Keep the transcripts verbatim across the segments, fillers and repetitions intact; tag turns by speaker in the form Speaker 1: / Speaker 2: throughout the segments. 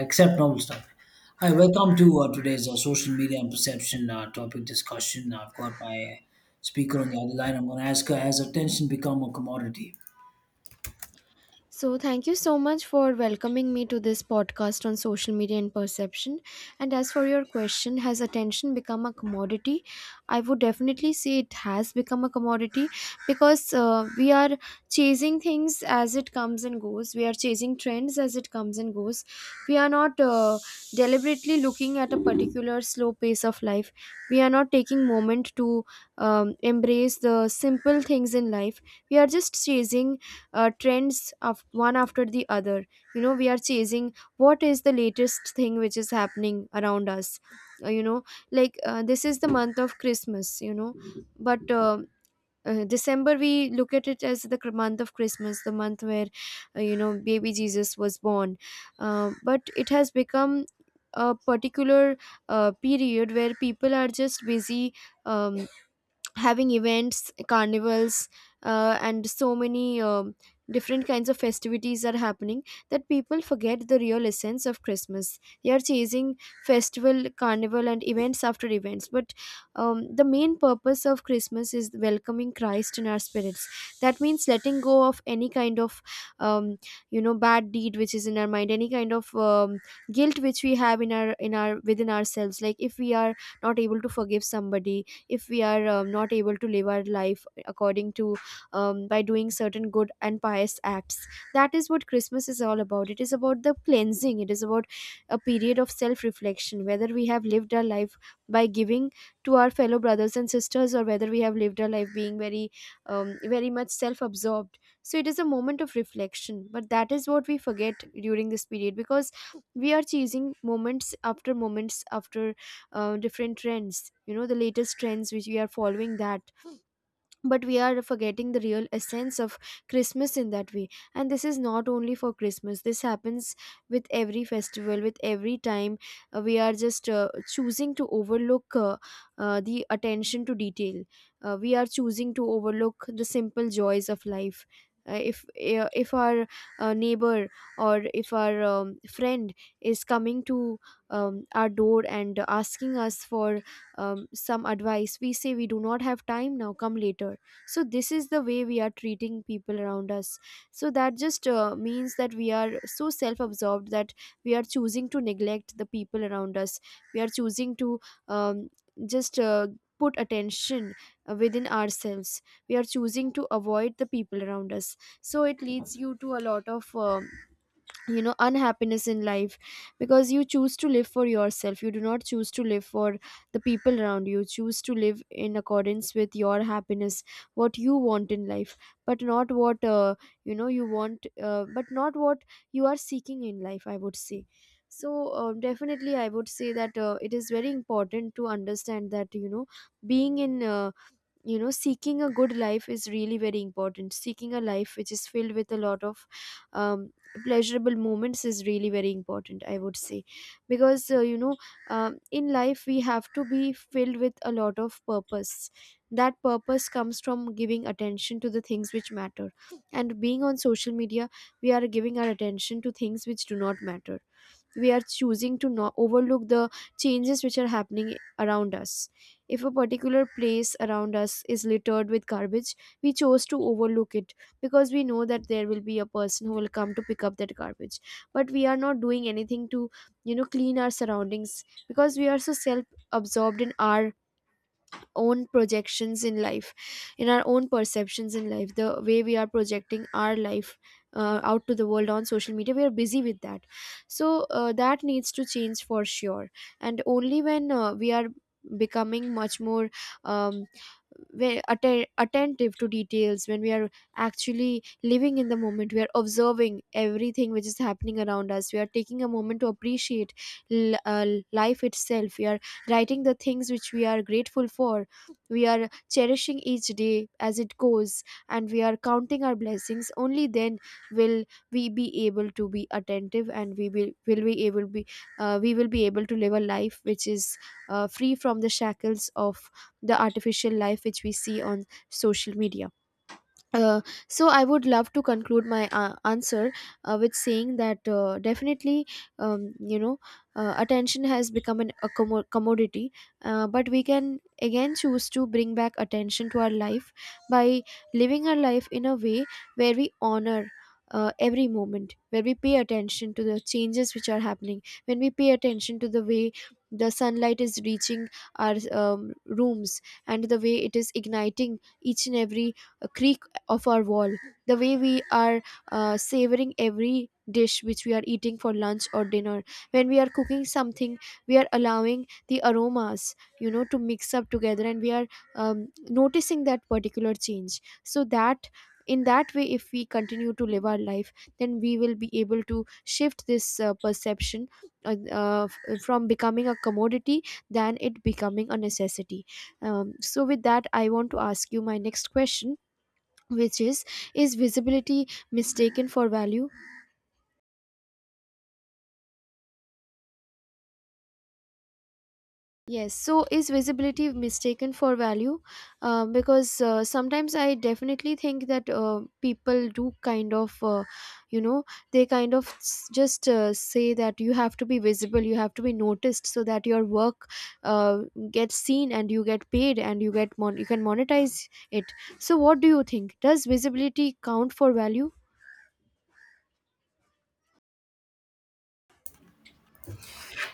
Speaker 1: Accept normal stuff. Hi, welcome to uh, today's uh, social media and perception uh, topic discussion. I've got my speaker on the other line. I'm going to ask her, has attention become a commodity?
Speaker 2: So, thank you so much for welcoming me to this podcast on social media and perception. And as for your question, has attention become a commodity? I would definitely say it has become a commodity because uh, we are chasing things as it comes and goes. We are chasing trends as it comes and goes. We are not uh, deliberately looking at a particular slow pace of life. We are not taking moment to um, embrace the simple things in life. We are just chasing uh, trends of one after the other, you know, we are chasing what is the latest thing which is happening around us. Uh, you know like uh, this is the month of Christmas, you know, but uh, uh, december we look at it as the cr- month of Christmas, the month where, uh, you know, baby Jesus was born. Uh, but it has become a particular uh, period where people are just busy, um, having events, carnivals, uh, and so many um different kinds of festivities are happening that people forget the real essence of Christmas. They are chasing festival, carnival and events after events, but um, the main purpose of Christmas is welcoming Christ in our spirits. That means letting go of any kind of, um, you know, bad deed which is in our mind, any kind of um, guilt which we have in our in our within ourselves, like if we are not able to forgive somebody, if we are um, not able to live our life according to, um, by doing certain good and pious acts. That is what Christmas is all about. It is about the cleansing, it is about a period of self reflection, whether we have lived our life by giving to our fellow brothers and sisters, or whether we have lived our life being very, um, very much self absorbed. So it is a moment of reflection, but that is what we forget during this period because we are chasing moments after moments after uh, different trends, you know, the latest trends which we are following that, but we are forgetting the real essence of Christmas in that way. And this is not only for Christmas, this happens with every festival, with every time uh, we are just uh, choosing to overlook, uh, uh, the attention to detail. Uh, we are choosing to overlook the simple joys of life. Uh, if, uh, if our uh, neighbor or if our um, friend is coming to, um, our door and asking us for, um, some advice, we say we do not have time now, come later. So this is the way we are treating people around us. So that just uh, means that we are so self absorbed that we are choosing to neglect the people around us. We are choosing to, um, just uh, put attention uh, within ourselves. We are choosing to avoid the people around us, so it leads you to a lot of, um you know unhappiness in life, because you choose to live for yourself, you do not choose to live for the people around you. You choose to live in accordance with your happiness, what you want in life, but not what, uh, you know you want, uh, but not what you are seeking in life, I would say. So, um, definitely I would say that uh, it is very important to understand that, you know, being in, uh, you know, seeking a good life is really very important. Seeking a life which is filled with a lot of, um, pleasurable moments is really very important, I would say, because, uh, you know, um, in life we have to be filled with a lot of purpose. That purpose comes from giving attention to the things which matter, and being on social media we are giving our attention to things which do not matter. We are choosing to not overlook the changes which are happening around us. If a particular place around us is littered with garbage, we chose to overlook it because we know that there will be a person who will come to pick up that garbage. But we are not doing anything to, you know, clean our surroundings, because we are so self absorbed in our own projections in life, in our own perceptions in life, the way we are projecting our life uh, out to the world on social media, we are busy with that. So uh, that needs to change for sure. And only when uh, we are becoming much more, um, very atten- attentive to details, when we are actually living in the moment, we are observing everything which is happening around us, we are taking a moment to appreciate l- uh, life itself, we are writing the things which we are grateful for, we are cherishing each day as it goes, and we are counting our blessings. Only then will we be able to be attentive, and we will, will be able be, uh, we will be able to live a life which is uh, free from the shackles of the artificial life which we see on social media. uh, so I would love to conclude my uh, answer uh, with saying that, uh, definitely, um, you know, uh, attention has become an, a commo- commodity, uh, but we can again choose to bring back attention to our life by living our life in a way where we honor. Uh, every moment, where we pay attention to the changes which are happening, when we pay attention to the way the sunlight is reaching our, um, rooms, and the way it is igniting each and every uh, creak of our wall, the way we are uh, savoring every dish which we are eating for lunch or dinner. When we are cooking something, we are allowing the aromas, you know, to mix up together, and we are, um, noticing that particular change. So that, in that way, if we continue to live our life, then we will be able to shift this uh, perception uh, uh, f- from becoming a commodity than it becoming a necessity. Um, so with that, I want to ask you my next question, which is is visibility mistaken for value? Yes, so, is visibility mistaken for value? Uh, because, uh, sometimes I definitely think that, uh, people do kind of, uh, you know they kind of s- just uh, say that you have to be visible, you have to be noticed, so that your work, uh, gets seen and you get paid and you get mon- you can monetize it. So what do you think, does visibility count for value?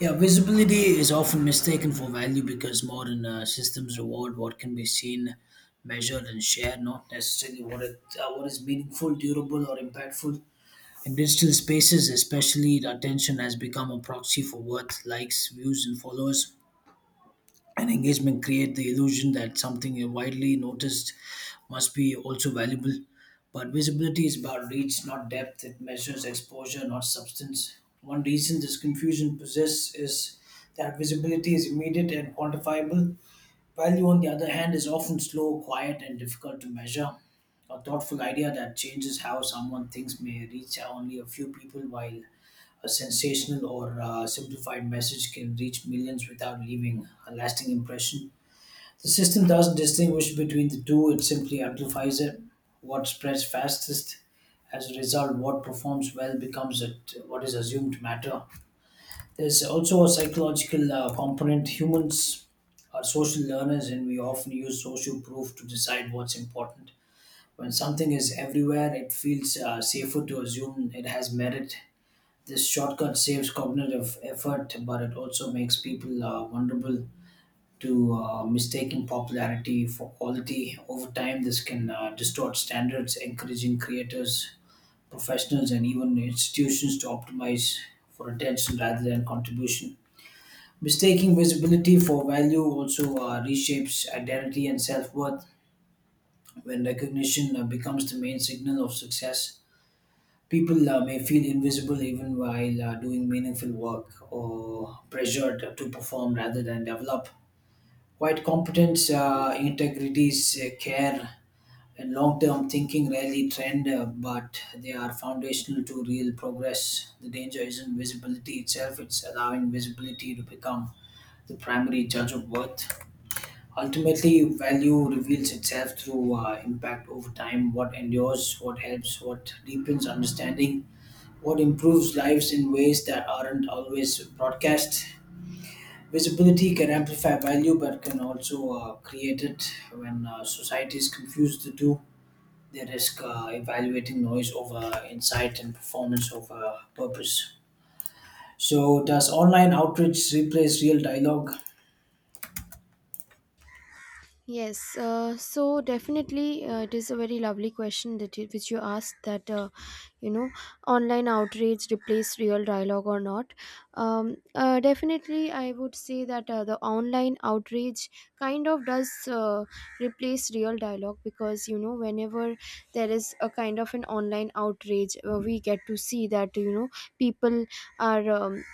Speaker 1: Yeah, visibility is often mistaken for value because modern uh, systems reward what can be seen, measured, and shared, not necessarily what, it, uh, what is meaningful, durable, or impactful. In digital spaces, especially, the attention has become a proxy for worth, likes, views, and followers and engagement create the illusion that something widely noticed must be also valuable. But visibility is about reach, not depth. It measures exposure, not substance. One reason this confusion persists is that visibility is immediate and quantifiable. Value, on the other hand, is often slow, quiet, and difficult to measure. A thoughtful idea that changes how someone thinks may reach only a few people, while a sensational or uh, simplified message can reach millions without leaving a lasting impression. The system doesn't distinguish between the two, it simply amplifies it. What spreads fastest, as a result, what performs well becomes it, what is assumed to matter. There's also a psychological uh, component. Humans are social learners and we often use social proof to decide what's important. When something is everywhere, it feels uh, safer to assume it has merit. This shortcut saves cognitive effort, but it also makes people uh, vulnerable to uh, mistaking popularity for quality. Over time, this can uh, distort standards, encouraging creators, professionals, and even institutions to optimize for attention rather than contribution. Mistaking visibility for value also uh, reshapes identity and self worth when recognition uh, becomes the main signal of success. People uh, may feel invisible even while uh, doing meaningful work or pressured to perform rather than develop. Quite competence, uh, integrities, uh, care, and long term thinking rarely trend, uh, but they are foundational to real progress. The danger isn't visibility itself, it's allowing visibility to become the primary judge of worth. Ultimately, value reveals itself through uh, impact over time, what endures, what helps, what deepens understanding, what improves lives in ways that aren't always broadcast. Visibility can amplify value but can also uh, create it. When uh, societies confuse the two, they risk uh, evaluating noise over insight and performance over purpose. So, does online outreach replace real dialogue?
Speaker 2: Yes, uh, so definitely uh, it is a very lovely question that you, which you asked, that, uh, you know, online outrage replace real dialogue or not. Um, uh, definitely, I would say that uh, the online outrage kind of does uh, replace real dialogue, because, you know, whenever there is a kind of an online outrage, uh, we get to see that, you know, people are, um,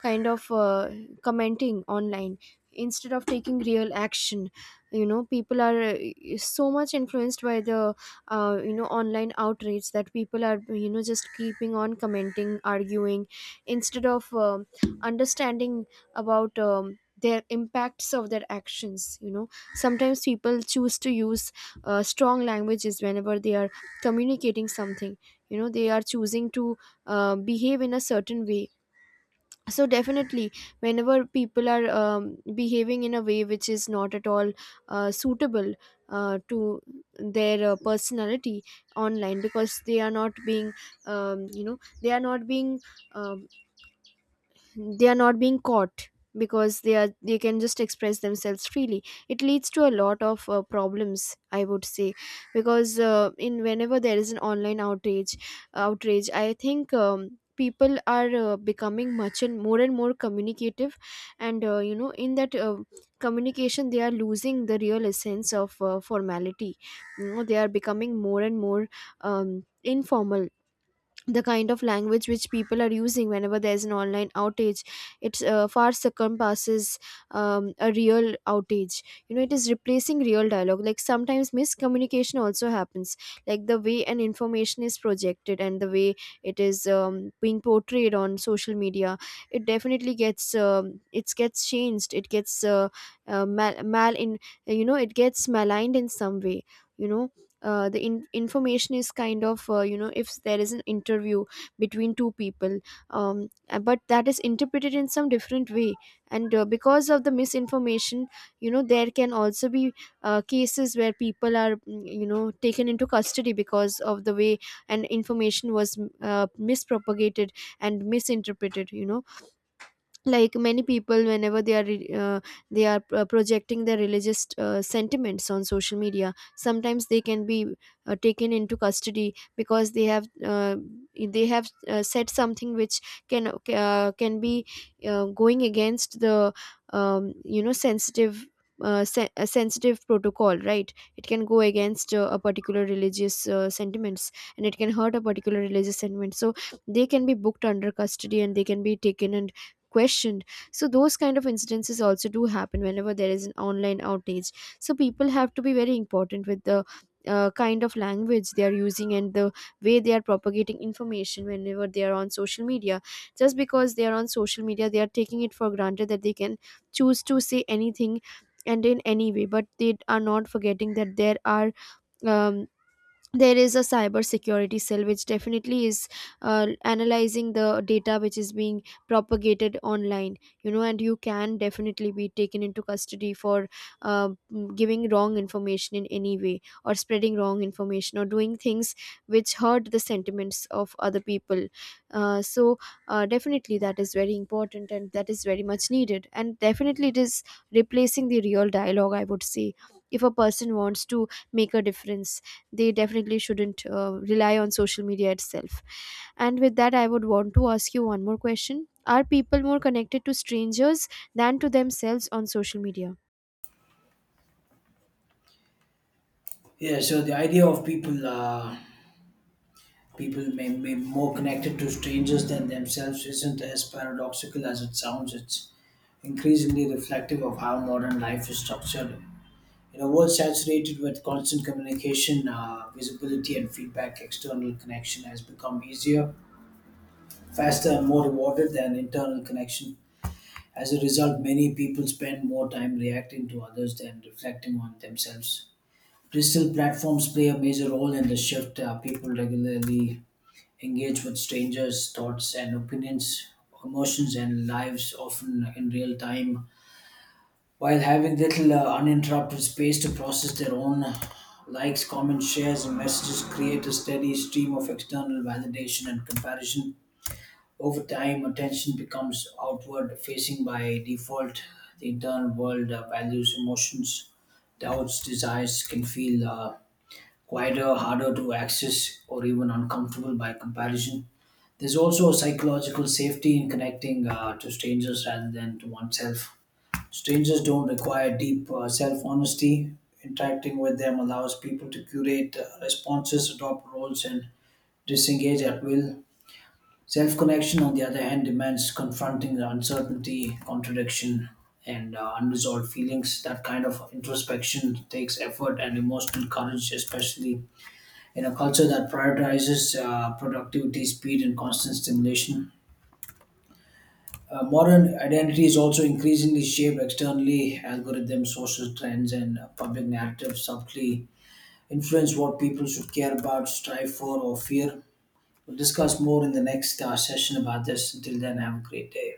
Speaker 2: kind of uh, commenting online instead of taking real action. You know, people are uh, so much influenced by the, uh, you know, online outrage, that people are, you know, just keeping on commenting, arguing instead of, um understanding about, um, their impacts of their actions. You know, sometimes people choose to use uh, strong languages whenever they are communicating something. You know, they are choosing to uh, behave in a certain way. So definitely, whenever people are um, behaving in a way which is not at all uh, suitable uh, to their uh, personality online, because they are not being, um, you know they are not being, um, they are not being caught, because they are they can just express themselves freely, it leads to a lot of uh, problems, I would say. Because uh, in whenever there is an online outrage outrage, I think um, people are uh, becoming much and more and more communicative, and, uh, you know, in that uh, communication they are losing the real essence of uh, formality. You know, they are becoming more and more, um, informal. The kind of language which people are using whenever there's an online outage, it's uh, far circumpasses um, a real outage. You know, it is replacing real dialogue. Like, sometimes miscommunication also happens, like the way an information is projected and the way it is, um, being portrayed on social media, it definitely gets, um, it gets changed, it gets, uh, uh, mal, mal in, you know, it gets maligned in some way. You know, uh, the in- information is kind of, uh, you know if there is an interview between two people, um, uh, but that is interpreted in some different way. And uh, because of the misinformation, you know, there can also be uh, cases where people are, mm, you know, taken into custody because of the way an information was, mm, uh, mispropagated and misinterpreted. You know, like many people, whenever they are re- uh, they are uh, projecting their religious uh, sentiments on social media, sometimes they can be uh, taken into custody because they have uh, they have uh, said something which can, uh, can be uh, going against the, um, you know, sensitive, uh, sen- a sensitive protocol, right. It can go against uh, a particular religious uh, sentiments, and it can hurt a particular religious sentiment. So they can be booked under custody and they can be taken and questioned. So those kind of incidences also do happen whenever there is an online outage. So people have to be very important with the uh, kind of language they are using and the way they are propagating information whenever they are on social media. Just because they are on social media, they are taking it for granted that they can choose to say anything and in any way, but they are not forgetting that there are, um, there is a cyber security cell which definitely is uh, analyzing the data which is being propagated online, you know, and you can definitely be taken into custody for uh, mm, giving wrong information in any way, or spreading wrong information, or doing things which hurt the sentiments of other people. uh, so uh, Definitely, that is very important and that is very much needed, and definitely it is replacing the real dialogue, I would say. If a person wants to make a difference, they definitely shouldn't uh, rely on social media itself. And with that, I would want to ask you one more question: are people more connected to strangers than to themselves on social media?
Speaker 1: Yeah, so the idea of people uh, people may be more connected to strangers than themselves isn't as paradoxical as it sounds. It's increasingly reflective of how modern life is structured. In a world saturated with constant communication, uh, visibility and feedback, external connection has become easier, faster, and more rewarded than internal connection. As a result, many people spend more time reacting to others than reflecting on themselves. Digital platforms play a major role in the shift. Uh, people regularly engage with strangers' thoughts and opinions, emotions, and lives, often in real time while having little uh, uninterrupted space to process their own. Uh, likes, comments, shares, and messages create a steady stream of external validation and comparison. Over time, attention becomes outward facing by default. The internal world, uh, values, emotions, doubts, desires can feel uh, quieter, harder to access, or even uncomfortable by comparison. There's also a psychological safety in connecting uh, to strangers rather than to oneself. Strangers don't require deep uh, self honesty. Interacting with them allows people to curate uh, responses, adopt roles, and disengage at will. Self connection, on the other hand, demands confronting the uncertainty, contradiction, and uh, unresolved feelings. That kind of introspection takes effort and emotional courage, especially in a culture that prioritizes uh, productivity, speed, and constant stimulation. Uh, modern identity is also increasingly shaped externally. Algorithms, social trends, and uh, public narratives subtly influence what people should care about, strive for, or fear. We'll discuss more in the next uh, session about this. Until then, have a great day.